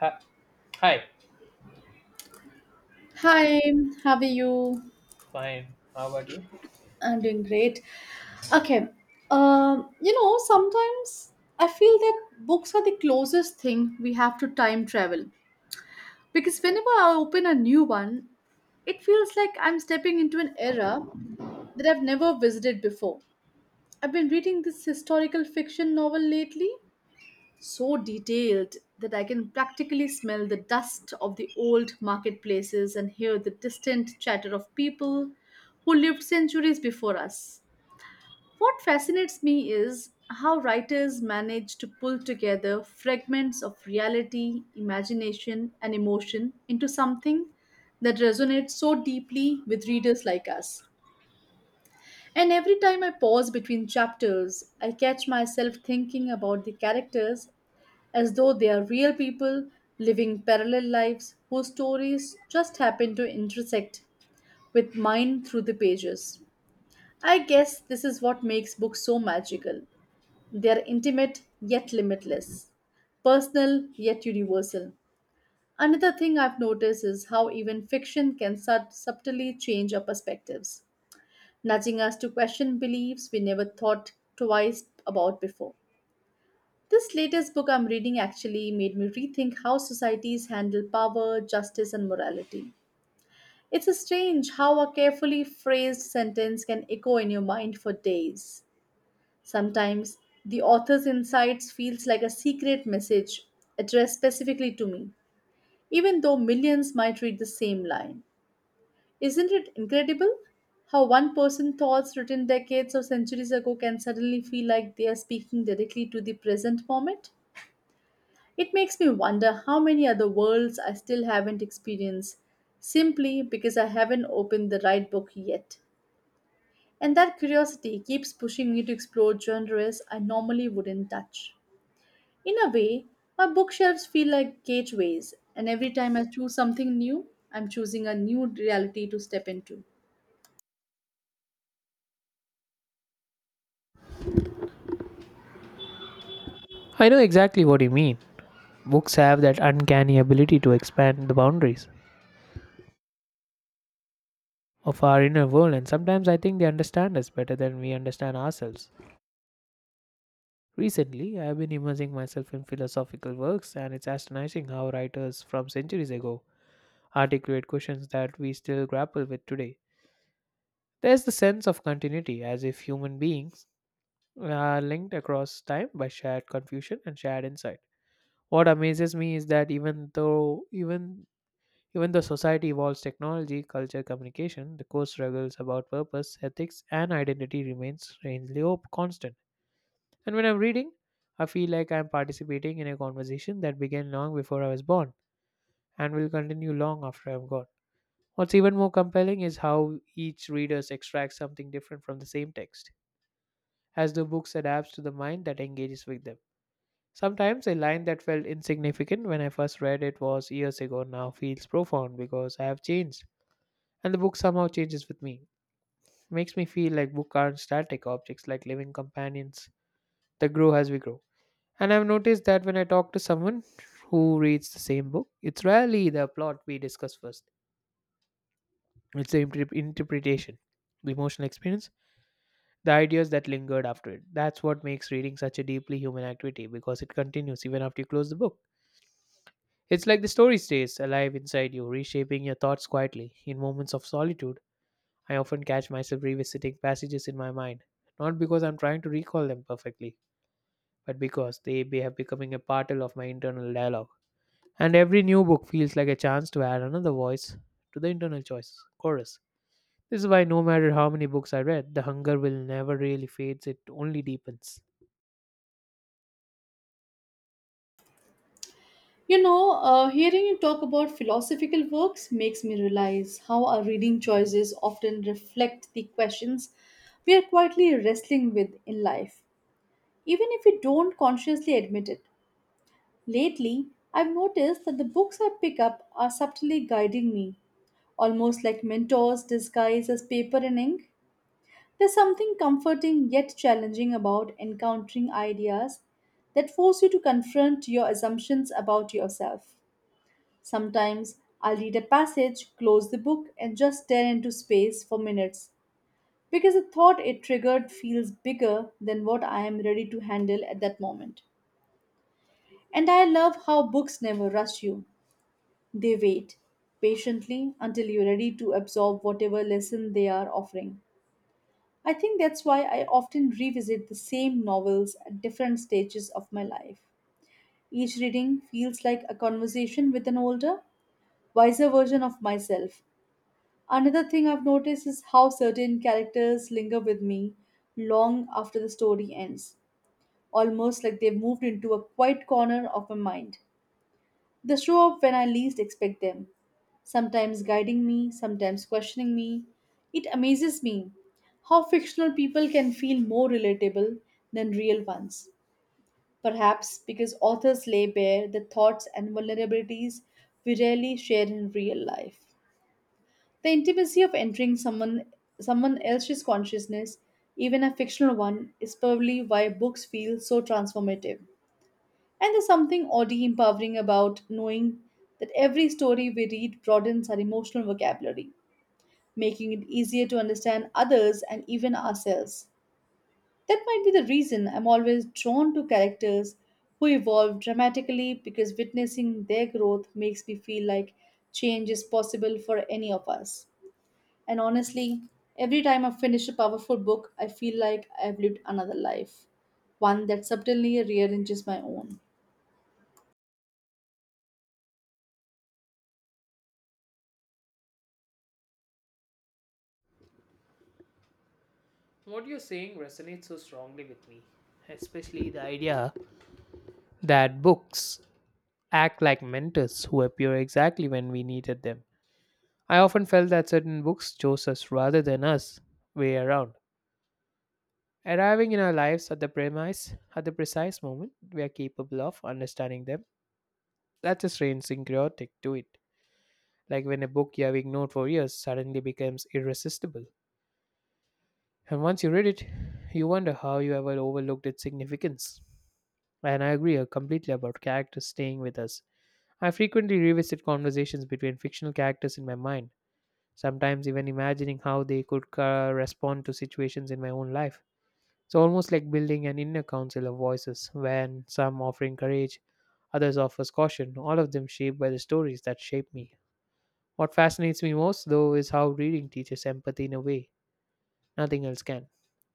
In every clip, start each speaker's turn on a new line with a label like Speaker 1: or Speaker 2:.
Speaker 1: Hi, hi,
Speaker 2: Hi, how are you?
Speaker 1: fine. How about you?
Speaker 2: I'm doing great. Okay, Sometimes I feel that books are the closest thing we have to time travel because whenever I open a new one, it feels like I'm stepping into an era that I've never visited before. I've been reading this historical fiction novel lately so detailed that I can practically smell the dust of the old marketplaces and hear the distant chatter of people who lived centuries before us. What fascinates me is how writers manage to pull together fragments of reality, imagination, and emotion into something that resonates so deeply with readers like us. And every time I pause between chapters, I catch myself thinking about the characters as though they are real people living parallel lives whose stories just happen to intersect with mine through the pages. I guess this is what makes books so magical. They are intimate yet limitless, personal yet universal. Another thing I've noticed is how even fiction can subtly change our perspectives, nudging us to question beliefs we never thought twice about before. This latest book I'm reading actually made me rethink how societies handle power, justice, and morality. It's strange how a carefully phrased sentence can echo in your mind for days. Sometimes the author's insights feels like a secret message addressed specifically to me, even though millions might read the same line. Isn't it incredible how one person's thoughts written decades or centuries ago can suddenly feel like they are speaking directly to the present moment? It makes me wonder how many other worlds I still haven't experienced simply because I haven't opened the right book yet. And that curiosity keeps pushing me to explore genres I normally wouldn't touch. In a way, my bookshelves feel like gateways, and every time I choose something new, I'm choosing a new reality to step into.
Speaker 1: I know exactly what you mean. Books have that uncanny ability to expand the boundaries of our inner world, and sometimes I think they understand us better than we understand ourselves. Recently, I have been immersing myself in philosophical works, and it's astonishing how writers from centuries ago articulate questions that we still grapple with today. There's the sense of continuity, as if human beings are linked across time by shared confusion and shared insight. What amazes me is that even though society evolves technology, culture, communication, the core struggles about purpose, ethics, and identity remains strangely constant. And when I'm reading, I feel like I'm participating in a conversation that began long before I was born and will continue long after I'm gone. What's even more compelling is how each reader extracts something different from the same text, as the books adapts to the mind that engages with them. Sometimes a line that felt insignificant when I first read it was years ago now feels profound because I have changed, and the book somehow changes with me. Makes me feel like books aren't static objects, like living companions that grow as we grow. And I've noticed that when I talk to someone who reads the same book, it's rarely the plot we discuss first. It's the interpretation, the emotional experience, the ideas that lingered after it. That's what makes reading such a deeply human activity because it continues even after you close the book. It's like the story stays alive inside you, reshaping your thoughts quietly. In moments of solitude, I often catch myself revisiting passages in my mind, not because I'm trying to recall them perfectly, but because they have becoming a part of my internal dialogue. And every new book feels like a chance to add another voice to the internal choice chorus. This is why no matter how many books I read, the hunger will never really fades, it only deepens.
Speaker 2: Hearing you talk about philosophical works makes me realize how our reading choices often reflect the questions we are quietly wrestling with in life, even if we don't consciously admit it. Lately, I've noticed that the books I pick up are subtly guiding me, almost like mentors disguised as paper and ink. There's something comforting yet challenging about encountering ideas that force you to confront your assumptions about yourself. Sometimes I'll read a passage, close the book, and just stare into space for minutes because the thought it triggered feels bigger than what I am ready to handle at that moment. And I love how books never rush you, they wait patiently until you're ready to absorb whatever lesson they are offering. I think that's why I often revisit the same novels at different stages of my life. Each reading feels like a conversation with an older, wiser version of myself. Another thing I've noticed is how certain characters linger with me long after the story ends, almost like they've moved into a quiet corner of my mind. They show up when I least expect them, sometimes guiding me, sometimes questioning me. It amazes me how fictional people can feel more relatable than real ones. Perhaps because authors lay bare the thoughts and vulnerabilities we rarely share in real life. The intimacy of entering someone else's consciousness, even a fictional one, is probably why books feel so transformative. And there's something oddly empowering about knowing that every story we read broadens our emotional vocabulary, making it easier to understand others and even ourselves. That might be the reason I'm always drawn to characters who evolve dramatically because witnessing their growth makes me feel like change is possible for any of us. And honestly, every time I finish a powerful book, I feel like I've lived another life, one that subtly rearranges my own.
Speaker 1: What you're saying resonates so strongly with me, especially the idea that books act like mentors who appear exactly when we needed them. I often felt that certain books chose us rather than us way around, arriving in our lives at the premise at the precise moment we are capable of understanding them. That's a strange syncretic to it. Like when a book you have ignored for years suddenly becomes irresistible. And once you read it, you wonder how you ever overlooked its significance. And I agree completely about characters staying with us. I frequently revisit conversations between fictional characters in my mind, sometimes even imagining how they could respond to situations in my own life. It's almost like building an inner council of voices, when some offering courage, others offers caution, all of them shaped by the stories that shape me. What fascinates me most, though, is how reading teaches empathy in a way nothing else can.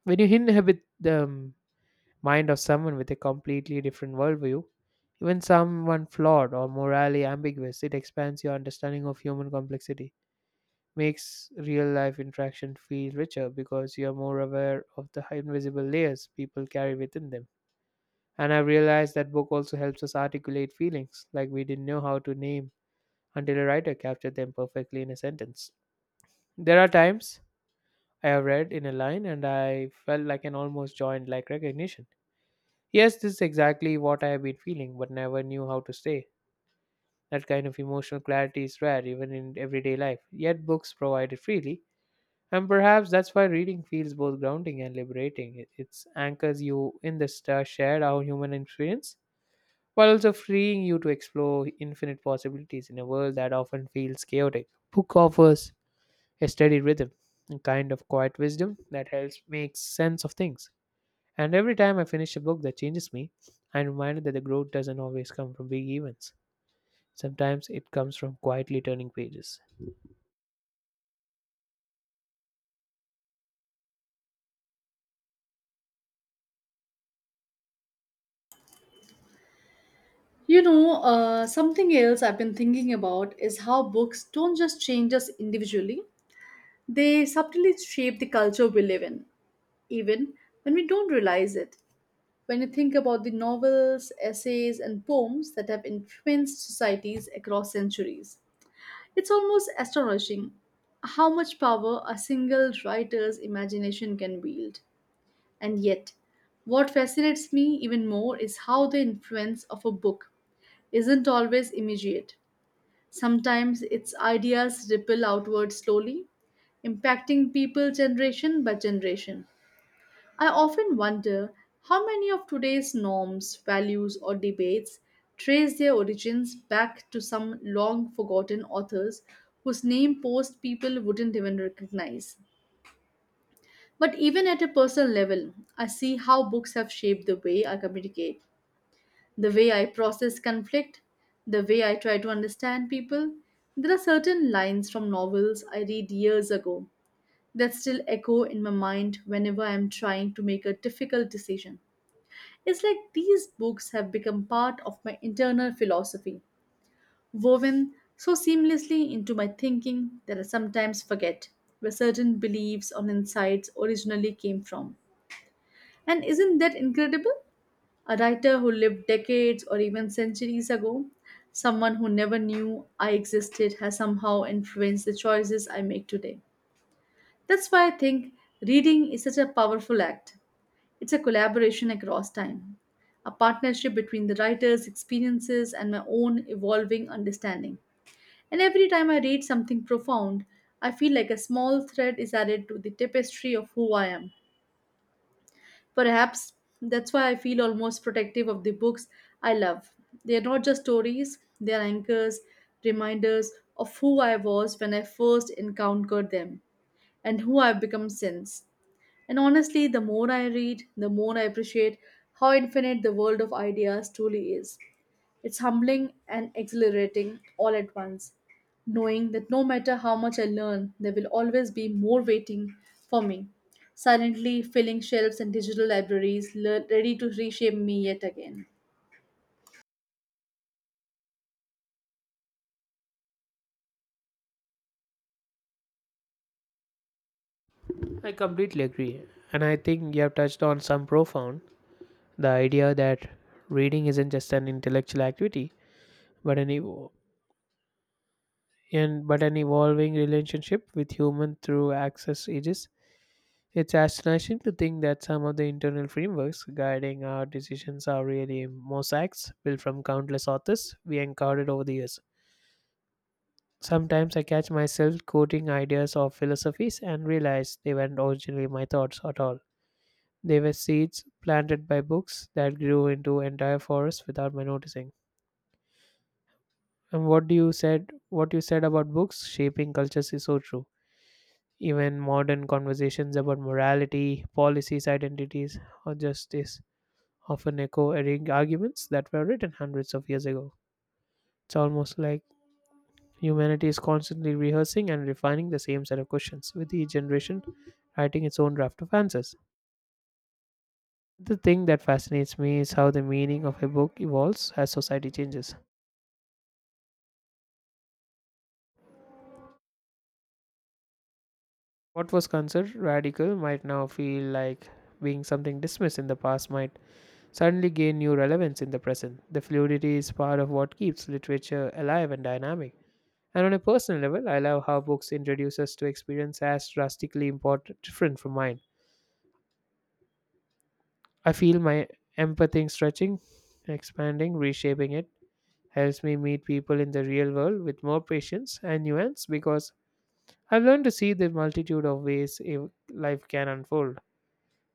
Speaker 1: When you inhabit the mind of someone with a completely different worldview, even someone flawed or morally ambiguous, it expands your understanding of human complexity, makes real life interaction feel richer because you're more aware of the invisible layers people carry within them. And I realized that book also helps us articulate feelings like we didn't know how to name until a writer captured them perfectly in a sentence. There are times I have read in a line and I felt like an almost joined like recognition. Yes, this is exactly what I have been feeling, but never knew how to say. That kind of emotional clarity is rare even in everyday life, yet books provide it freely. And perhaps that's why reading feels both grounding and liberating. It anchors you in the star shared our human experience, while also freeing you to explore infinite possibilities in a world that often feels chaotic. Book offers a steady rhythm, a kind of quiet wisdom that helps make sense of things. And every time I finish a book that changes me, I'm reminded that the growth doesn't always come from big events. Sometimes it comes from quietly turning pages.
Speaker 2: Something else I've been thinking about is how books don't just change us individually, they subtly shape the culture we live in, even when we don't realize it. When you think about the novels, essays, and poems that have influenced societies across centuries, it's almost astonishing how much power a single writer's imagination can wield. And yet, what fascinates me even more is how the influence of a book isn't always immediate. Sometimes its ideas ripple outward slowly, impacting people generation by generation. I often wonder how many of today's norms, values, or debates trace their origins back to some long forgotten authors whose name most people wouldn't even recognize. But even at a personal level, I see how books have shaped the way I communicate, the way I process conflict, the way I try to understand people. There are certain lines from novels I read years ago that still echo in my mind whenever I am trying to make a difficult decision. It's like these books have become part of my internal philosophy, woven so seamlessly into my thinking that I sometimes forget where certain beliefs or insights originally came from. And isn't that incredible? A writer who lived decades or even centuries ago, someone who never knew I existed, has somehow influenced the choices I make today. That's why I think reading is such a powerful act. It's a collaboration across time, a partnership between the writer's experiences and my own evolving understanding. And every time I read something profound, I feel like a small thread is added to the tapestry of who I am. Perhaps that's why I feel almost protective of the books I love. They are not just stories, they are anchors, reminders of who I was when I first encountered them and who I've become since. And honestly, the more I read, the more I appreciate how infinite the world of ideas truly is. It's humbling and exhilarating all at once, knowing that no matter how much I learn, there will always be more waiting for me, silently filling shelves and digital libraries, ready to reshape me yet again.
Speaker 1: I completely agree. And I think you have touched on some profound, the idea that reading isn't just an intellectual activity, but an evo- and but an evolving relationship with human through access ages. It's astonishing to think that some of the internal frameworks guiding our decisions are really mosaics built from countless authors we encountered over the years. Sometimes I catch myself quoting ideas or philosophies and realize they weren't originally my thoughts at all. They were seeds planted by books that grew into entire forests without my noticing. And what you said about books shaping cultures is so true. Even modern conversations about morality, policies, identities, or justice often echo arguments that were written hundreds of years ago. It's almost like humanity is constantly rehearsing and refining the same set of questions, with each generation writing its own draft of answers. The thing that fascinates me is how the meaning of a book evolves as society changes. What was considered radical might now feel like being something dismissed in the past might suddenly gain new relevance in the present. The fluidity is part of what keeps literature alive and dynamic. And on a personal level, I love how books introduce us to experience as drastically important, different from mine. I feel my empathy stretching, expanding, reshaping it helps me meet people in the real world with more patience and nuance because I've learned to see the multitude of ways life can unfold.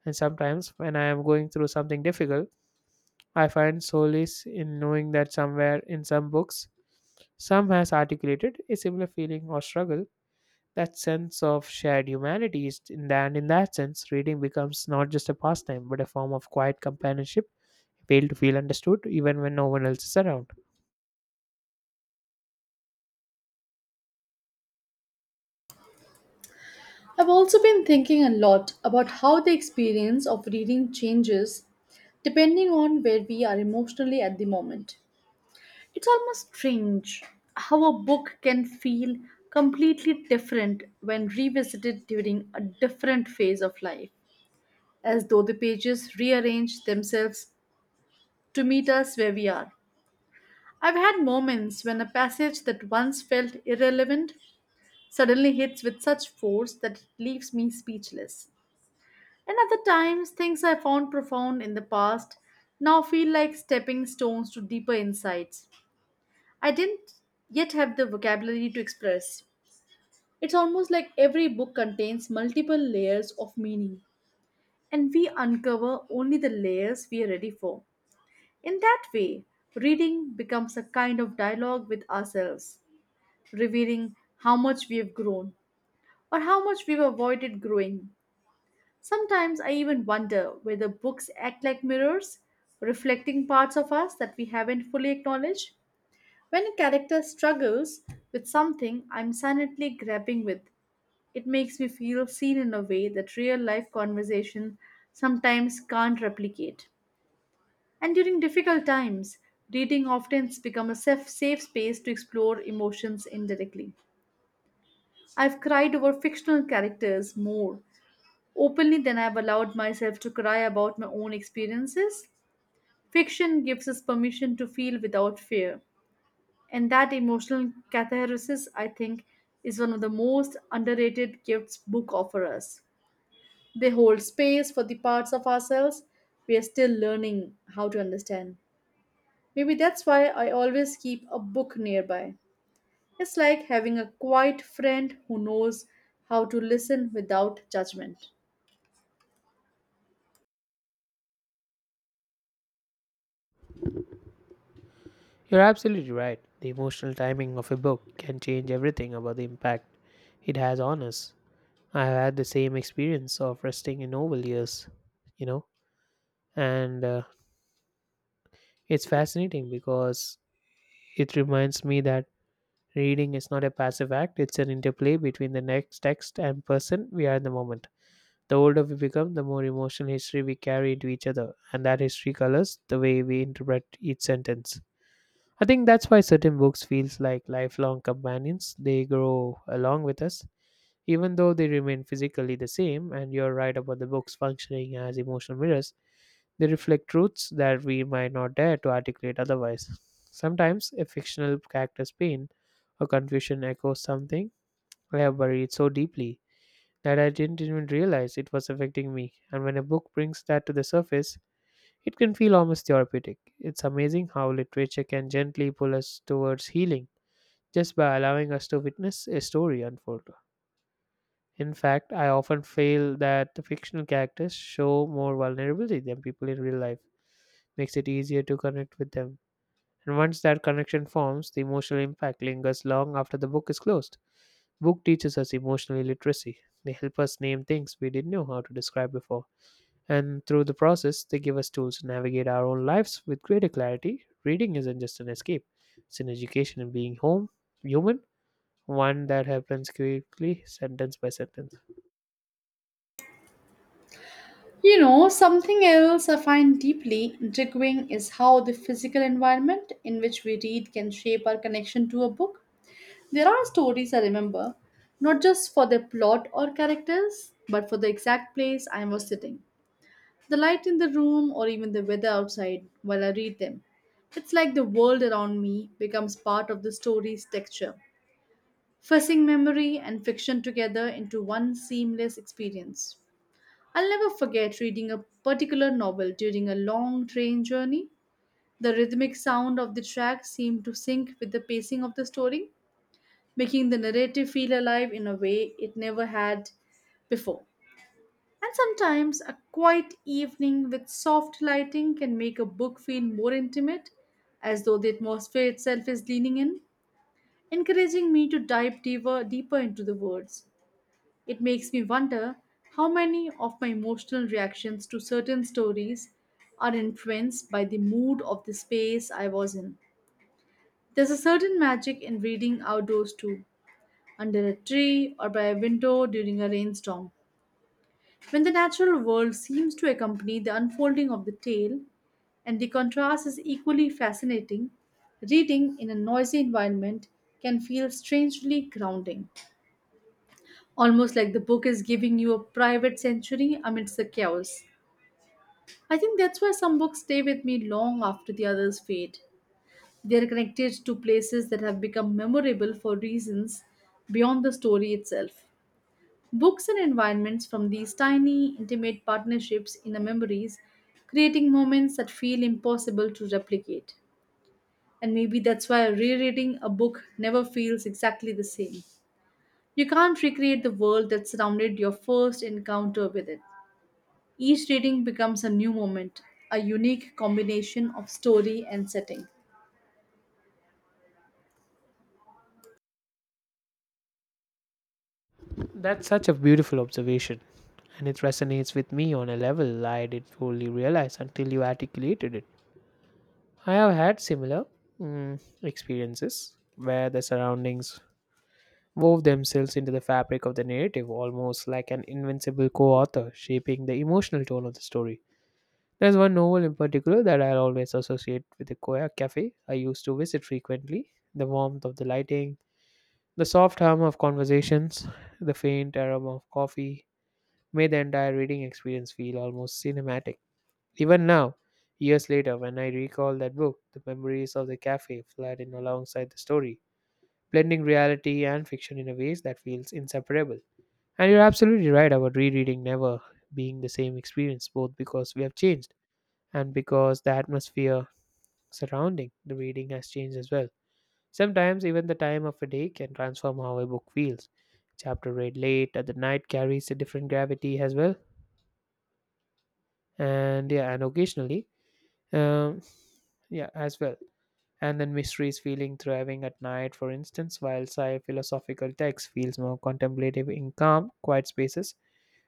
Speaker 1: And sometimes, when I am going through something difficult, I find solace in knowing that somewhere in some books, some has articulated a similar feeling or struggle. That sense of shared humanity is, in that sense, reading becomes not just a pastime but a form of quiet companionship, appeal to feel understood even when no one else is around.
Speaker 2: I've also been thinking a lot about how the experience of reading changes depending on where we are emotionally at the moment. It's almost strange how a book can feel completely different when revisited during a different phase of life, as though the pages rearrange themselves to meet us where we are. I've had moments when a passage that once felt irrelevant suddenly hits with such force that it leaves me speechless. And other times, things I found profound in the past now feel like stepping stones to deeper insights I didn't yet have the vocabulary to express. It's almost like every book contains multiple layers of meaning, and we uncover only the layers we are ready for. In that way, reading becomes a kind of dialogue with ourselves, revealing how much we have grown or how much we've avoided growing. Sometimes I even wonder whether books act like mirrors, reflecting parts of us that we haven't fully acknowledged. When a character struggles with something I'm silently grappling with, it makes me feel seen in a way that real life conversation sometimes can't replicate. And during difficult times, reading often becomes a safe space to explore emotions indirectly. I've cried over fictional characters more openly than I've allowed myself to cry about my own experiences. Fiction gives us permission to feel without fear. And that emotional catharsis, I think, is one of the most underrated gifts book offer us. They hold space for the parts of ourselves we are still learning how to understand. Maybe that's why I always keep a book nearby. It's like having a quiet friend who knows how to listen without judgment.
Speaker 1: You're absolutely right. The emotional timing of a book can change everything about the impact it has on us. I have had the same experience of resting in novel years, you know, and it's fascinating because it reminds me that reading is not a passive act, it's an interplay between the next text and person we are in the moment. The older we become, the more emotional history we carry into each other, and that history colors the way we interpret each sentence. I think that's why certain books feels like lifelong companions, they grow along with us even though they remain physically the same. And you're right about the books functioning as emotional mirrors. They reflect truths that we might not dare to articulate otherwise. Sometimes a fictional character's pain or confusion echoes something I have buried so deeply that I didn't even realize it was affecting me. And when a book brings that to the surface, it can feel almost therapeutic. It's amazing how literature can gently pull us towards healing just by allowing us to witness a story unfold. In fact, I often feel that the fictional characters show more vulnerability than people in real life. Makes it easier to connect with them. And once that connection forms, the emotional impact lingers long after the book is closed. Book teaches us emotional literacy. They help us name things we didn't know how to describe before. And through the process, they give us tools to navigate our own lives with greater clarity. Reading isn't just an escape, it's an education in being home, human, one that happens quickly, sentence by sentence.
Speaker 2: You know, something else I find deeply intriguing is how the physical environment in which we read can shape our connection to a book. There are stories I remember, not just for their plot or characters, but for the exact place I was sitting, the light in the room, or even the weather outside while I read them. It's like the world around me becomes part of the story's texture, fussing memory and fiction together into one seamless experience. I'll never forget reading a particular novel during a long train journey. The rhythmic sound of the track seemed to sync with the pacing of the story making the narrative feel alive in a way it never had before. And sometimes a quiet evening with soft lighting can make a book feel more intimate, as though the atmosphere itself is leaning in, encouraging me to dive deeper into the words. It makes me wonder how many of my emotional reactions to certain stories are influenced by the mood of the space I was in. There's a certain magic in reading outdoors too, under a tree, or by a window during a rainstorm. When the natural world seems to accompany the unfolding of the tale, and the contrast is equally fascinating, reading in a noisy environment can feel strangely grounding, almost like the book is giving you a private sanctuary amidst the chaos. I think that's why some books stay with me long after the others fade. They are connected to places that have become memorable for reasons beyond the story itself. Books and environments from these tiny, intimate partnerships in our memories, creating moments that feel impossible to replicate. And maybe that's why rereading a book never feels exactly the same. You can't recreate the world that surrounded your first encounter with it. Each reading becomes a new moment, a unique combination of story and setting.
Speaker 1: That's such a beautiful observation, and it resonates with me on a level I didn't fully realize until you articulated it. I have had similar experiences where the surroundings wove themselves into the fabric of the narrative, almost like an invincible co author shaping the emotional tone of the story. There's one novel in particular that I'll always associate with the Koya cafe I used to visit frequently. The warmth of the lighting, the soft hum of conversations, the faint aroma of coffee, made the entire reading experience feel almost cinematic. Even now, years later, when I recall that book, the memories of the cafe flood in alongside the story, blending reality and fiction in a ways that feels inseparable. And you're absolutely right about rereading never being the same experience, both because we have changed and because the atmosphere surrounding the reading has changed as well. Sometimes even the time of a day can transform how a book feels. Chapter read late at the night carries a different gravity as well and yeah and occasionally um, yeah as well and then mysteries feeling thriving at night, for instance, while sci philosophical text feels more contemplative in calm quiet spaces.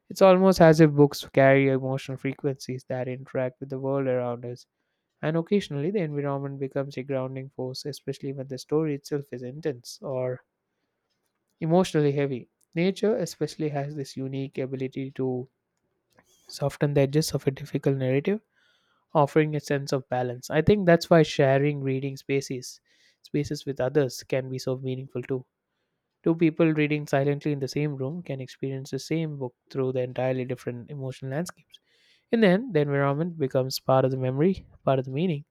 Speaker 1: It's almost as if books carry emotional frequencies that interact with the world around us, and occasionally the environment becomes a grounding force, especially when the story itself is intense or emotionally heavy. Nature especially has this unique ability to soften the edges of a difficult narrative, offering a sense of balance. I think that's why sharing reading spaces with others can be so meaningful too. Two people reading silently in the same room can experience the same book through the entirely different emotional landscapes. And then the environment becomes part of the memory, part of the meaning,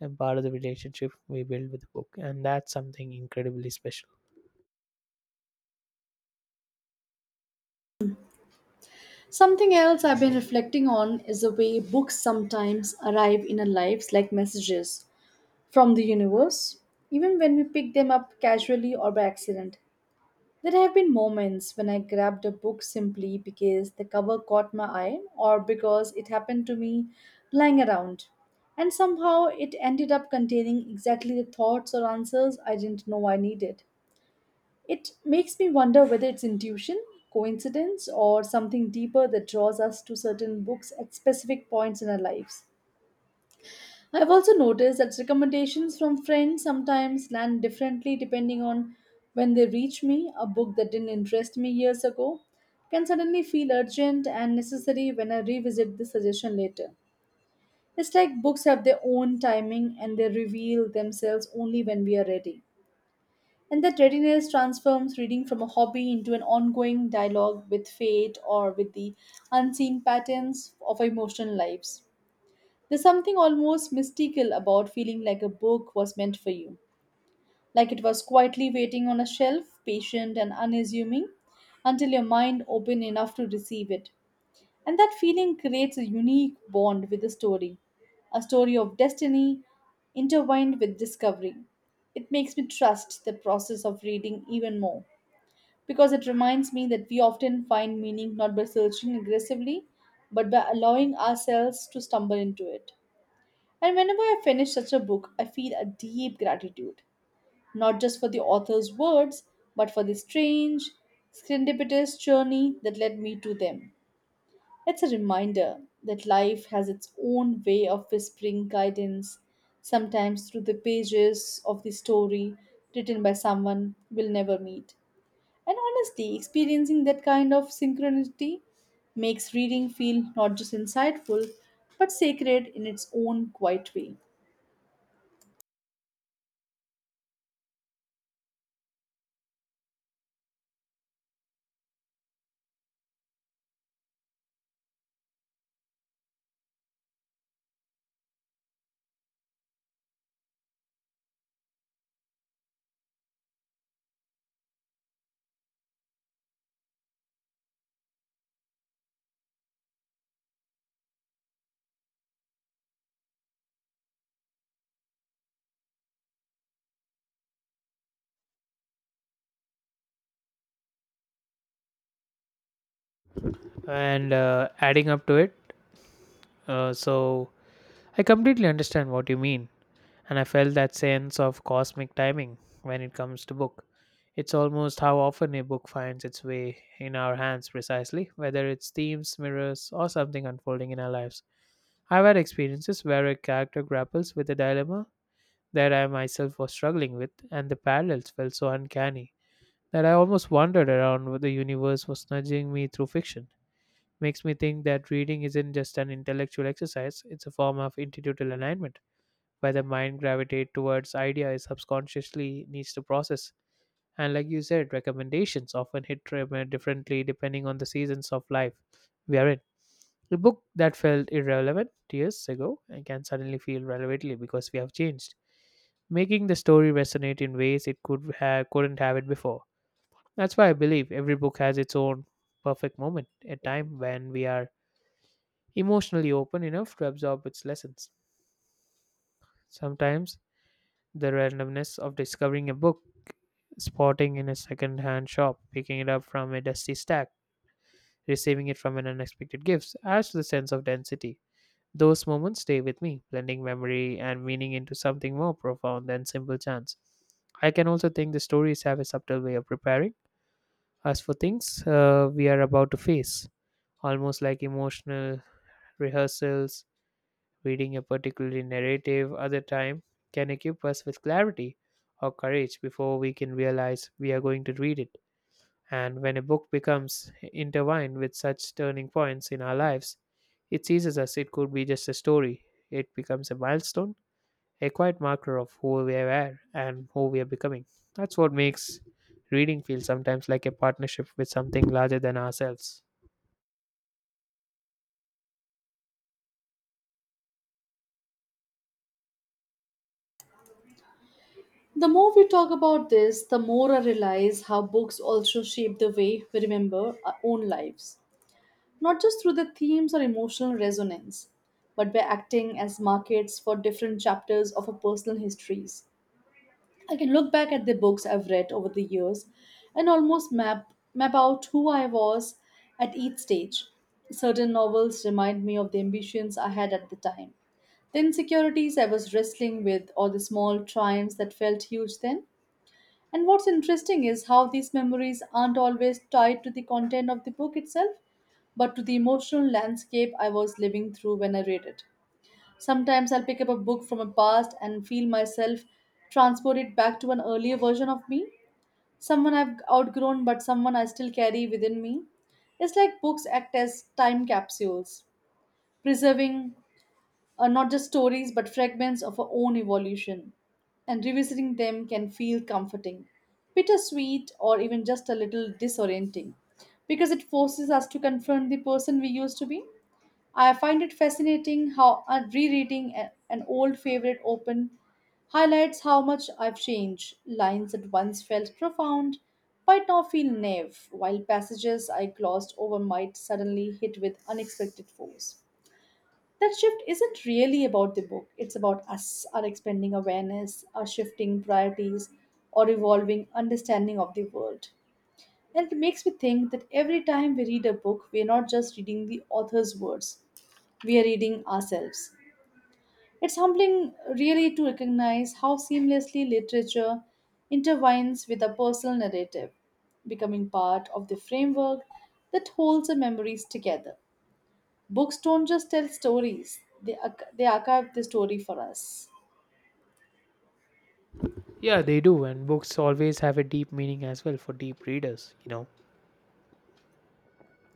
Speaker 1: and part of the relationship we build with the book. And that's something incredibly special.
Speaker 2: Something else I've been reflecting on is the way books sometimes arrive in our lives like messages from the universe, even when we pick them up casually or by accident. There have been moments when I grabbed a book simply because the cover caught my eye or because it happened to me lying around. And somehow it ended up containing exactly the thoughts or answers I didn't know I needed. It makes me wonder whether it's intuition, coincidence, or something deeper that draws us to certain books at specific points in our lives. I've also noticed that recommendations from friends sometimes land differently depending on when they reach me. A book that didn't interest me years ago can suddenly feel urgent and necessary when I revisit the suggestion later. It's like books have their own timing, and they reveal themselves only when we are ready. And that readiness transforms reading from a hobby into an ongoing dialogue with fate, or with the unseen patterns of our emotional lives. There's something almost mystical about feeling like a book was meant for you, like it was quietly waiting on a shelf, patient and unassuming, until your mind opened enough to receive it. And that feeling creates a unique bond with the story, a story of destiny intertwined with discovery. It makes me trust the process of reading even more, because it reminds me that we often find meaning not by searching aggressively, but by allowing ourselves to stumble into it. And whenever I finish such a book, I feel a deep gratitude, not just for the author's words, but for the strange, serendipitous journey that led me to them. It's a reminder that life has its own way of whispering guidance, sometimes through the pages of the story written by someone we'll never meet. And honestly, experiencing that kind of synchronicity makes reading feel not just insightful, but sacred in its own quiet way.
Speaker 1: And adding up to it, uh, so I completely understand what you mean, and I felt that sense of cosmic timing when it comes to book. It's almost how often a book finds its way in our hands precisely, whether it's themes, mirrors, or something unfolding in our lives. I've had experiences where a character grapples with a dilemma that I myself was struggling with, and the parallels felt so uncanny that I almost wondered around whether the universe was nudging me through fiction. Makes me think that reading isn't just an intellectual exercise, it's a form of intuitive alignment where the mind gravitates towards ideas subconsciously needs to process. And like you said, recommendations often differently depending on the seasons of life we are in. A book that felt irrelevant years ago and can suddenly feel relevantly because we have changed, making the story resonate in ways it could have, couldn't have it before. That's why I believe every book has its own perfect moment, a time when we are emotionally open enough to absorb its lessons. Sometimes the randomness of discovering a book, spotting in a second-hand shop, picking it up from a dusty stack, receiving it from an unexpected gift adds to the sense of density. Those moments stay with me, blending memory and meaning into something more profound than simple chance. I can also think the stories have a subtle way of preparing us for things we are about to face, almost like emotional rehearsals. Reading a particular narrative other time can equip us with clarity or courage before we can realize we are going to read it. And when a book becomes intertwined with such turning points in our lives, it seizes us. It could be just a story, it becomes a milestone, a quiet marker of who we are and who we are becoming. That's what makes reading feel sometimes like a partnership with something larger than ourselves.
Speaker 2: The more we talk about this, the more I realize how books also shape the way we remember our own lives, not just through the themes or emotional resonance, but by acting as markets for different chapters of our personal histories. I can look back at the books I've read over the years and almost map out who I was at each stage. Certain novels remind me of the ambitions I had at the time, the insecurities I was wrestling with, or the small triumphs that felt huge then. And what's interesting is how these memories aren't always tied to the content of the book itself, but to the emotional landscape I was living through when I read it. Sometimes I'll pick up a book from a past and feel myself transported back to an earlier version of me, someone I've outgrown, but someone I still carry within me. It's like books act as time capsules, preserving are not just stories but fragments of our own evolution, and revisiting them can feel comforting, bittersweet, or even just a little disorienting, because it forces us to confront the person we used to be. I find it fascinating how rereading an old favorite open highlights how much I've changed. Lines that once felt profound might now feel naive, while passages I glossed over might suddenly hit with unexpected force. That shift isn't really about the book, it's about us, our expanding awareness, our shifting priorities, or evolving understanding of the world. And it makes me think that every time we read a book, we are not just reading the author's words, we are reading ourselves. It's humbling, really, to recognize how seamlessly literature intertwines with our personal narrative, becoming part of the framework that holds our memories together. Books don't just tell stories, they, they archive the story for us.
Speaker 1: Yeah, they do, and books always have a deep meaning as well for deep readers, you know.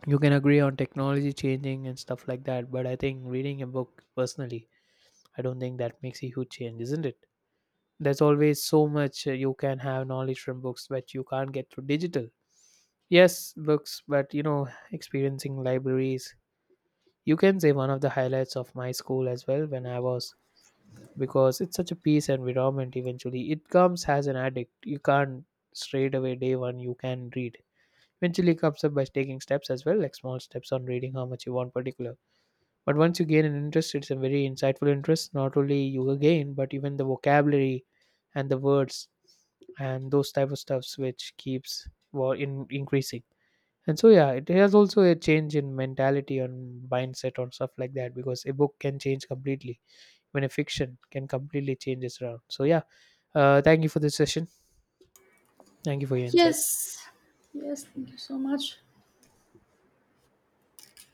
Speaker 1: You can agree on technology changing and stuff like that, but I think reading a book personally, I don't think that makes a huge change, isn't it? There's always so much, you can have knowledge from books that you can't get through digital, yes, books. But you know, experiencing libraries, you can say one of the highlights of my school as well when I was, because it's such a peace environment. Eventually it comes as an addict, you can't straight away day one you can read. Eventually comes up by taking steps as well, like small steps on reading how much you want particular. But once you gain an interest, it's a very insightful interest, not only you again but even the vocabulary and the words and those type of stuffs which keeps, well, in increasing. And so yeah, it has also a change in mentality and mindset or stuff like that, because a book can change completely, when a fiction can completely change its around. So yeah, thank you for this session. Thank you for your insight.
Speaker 2: Yes. Yes, thank you so much.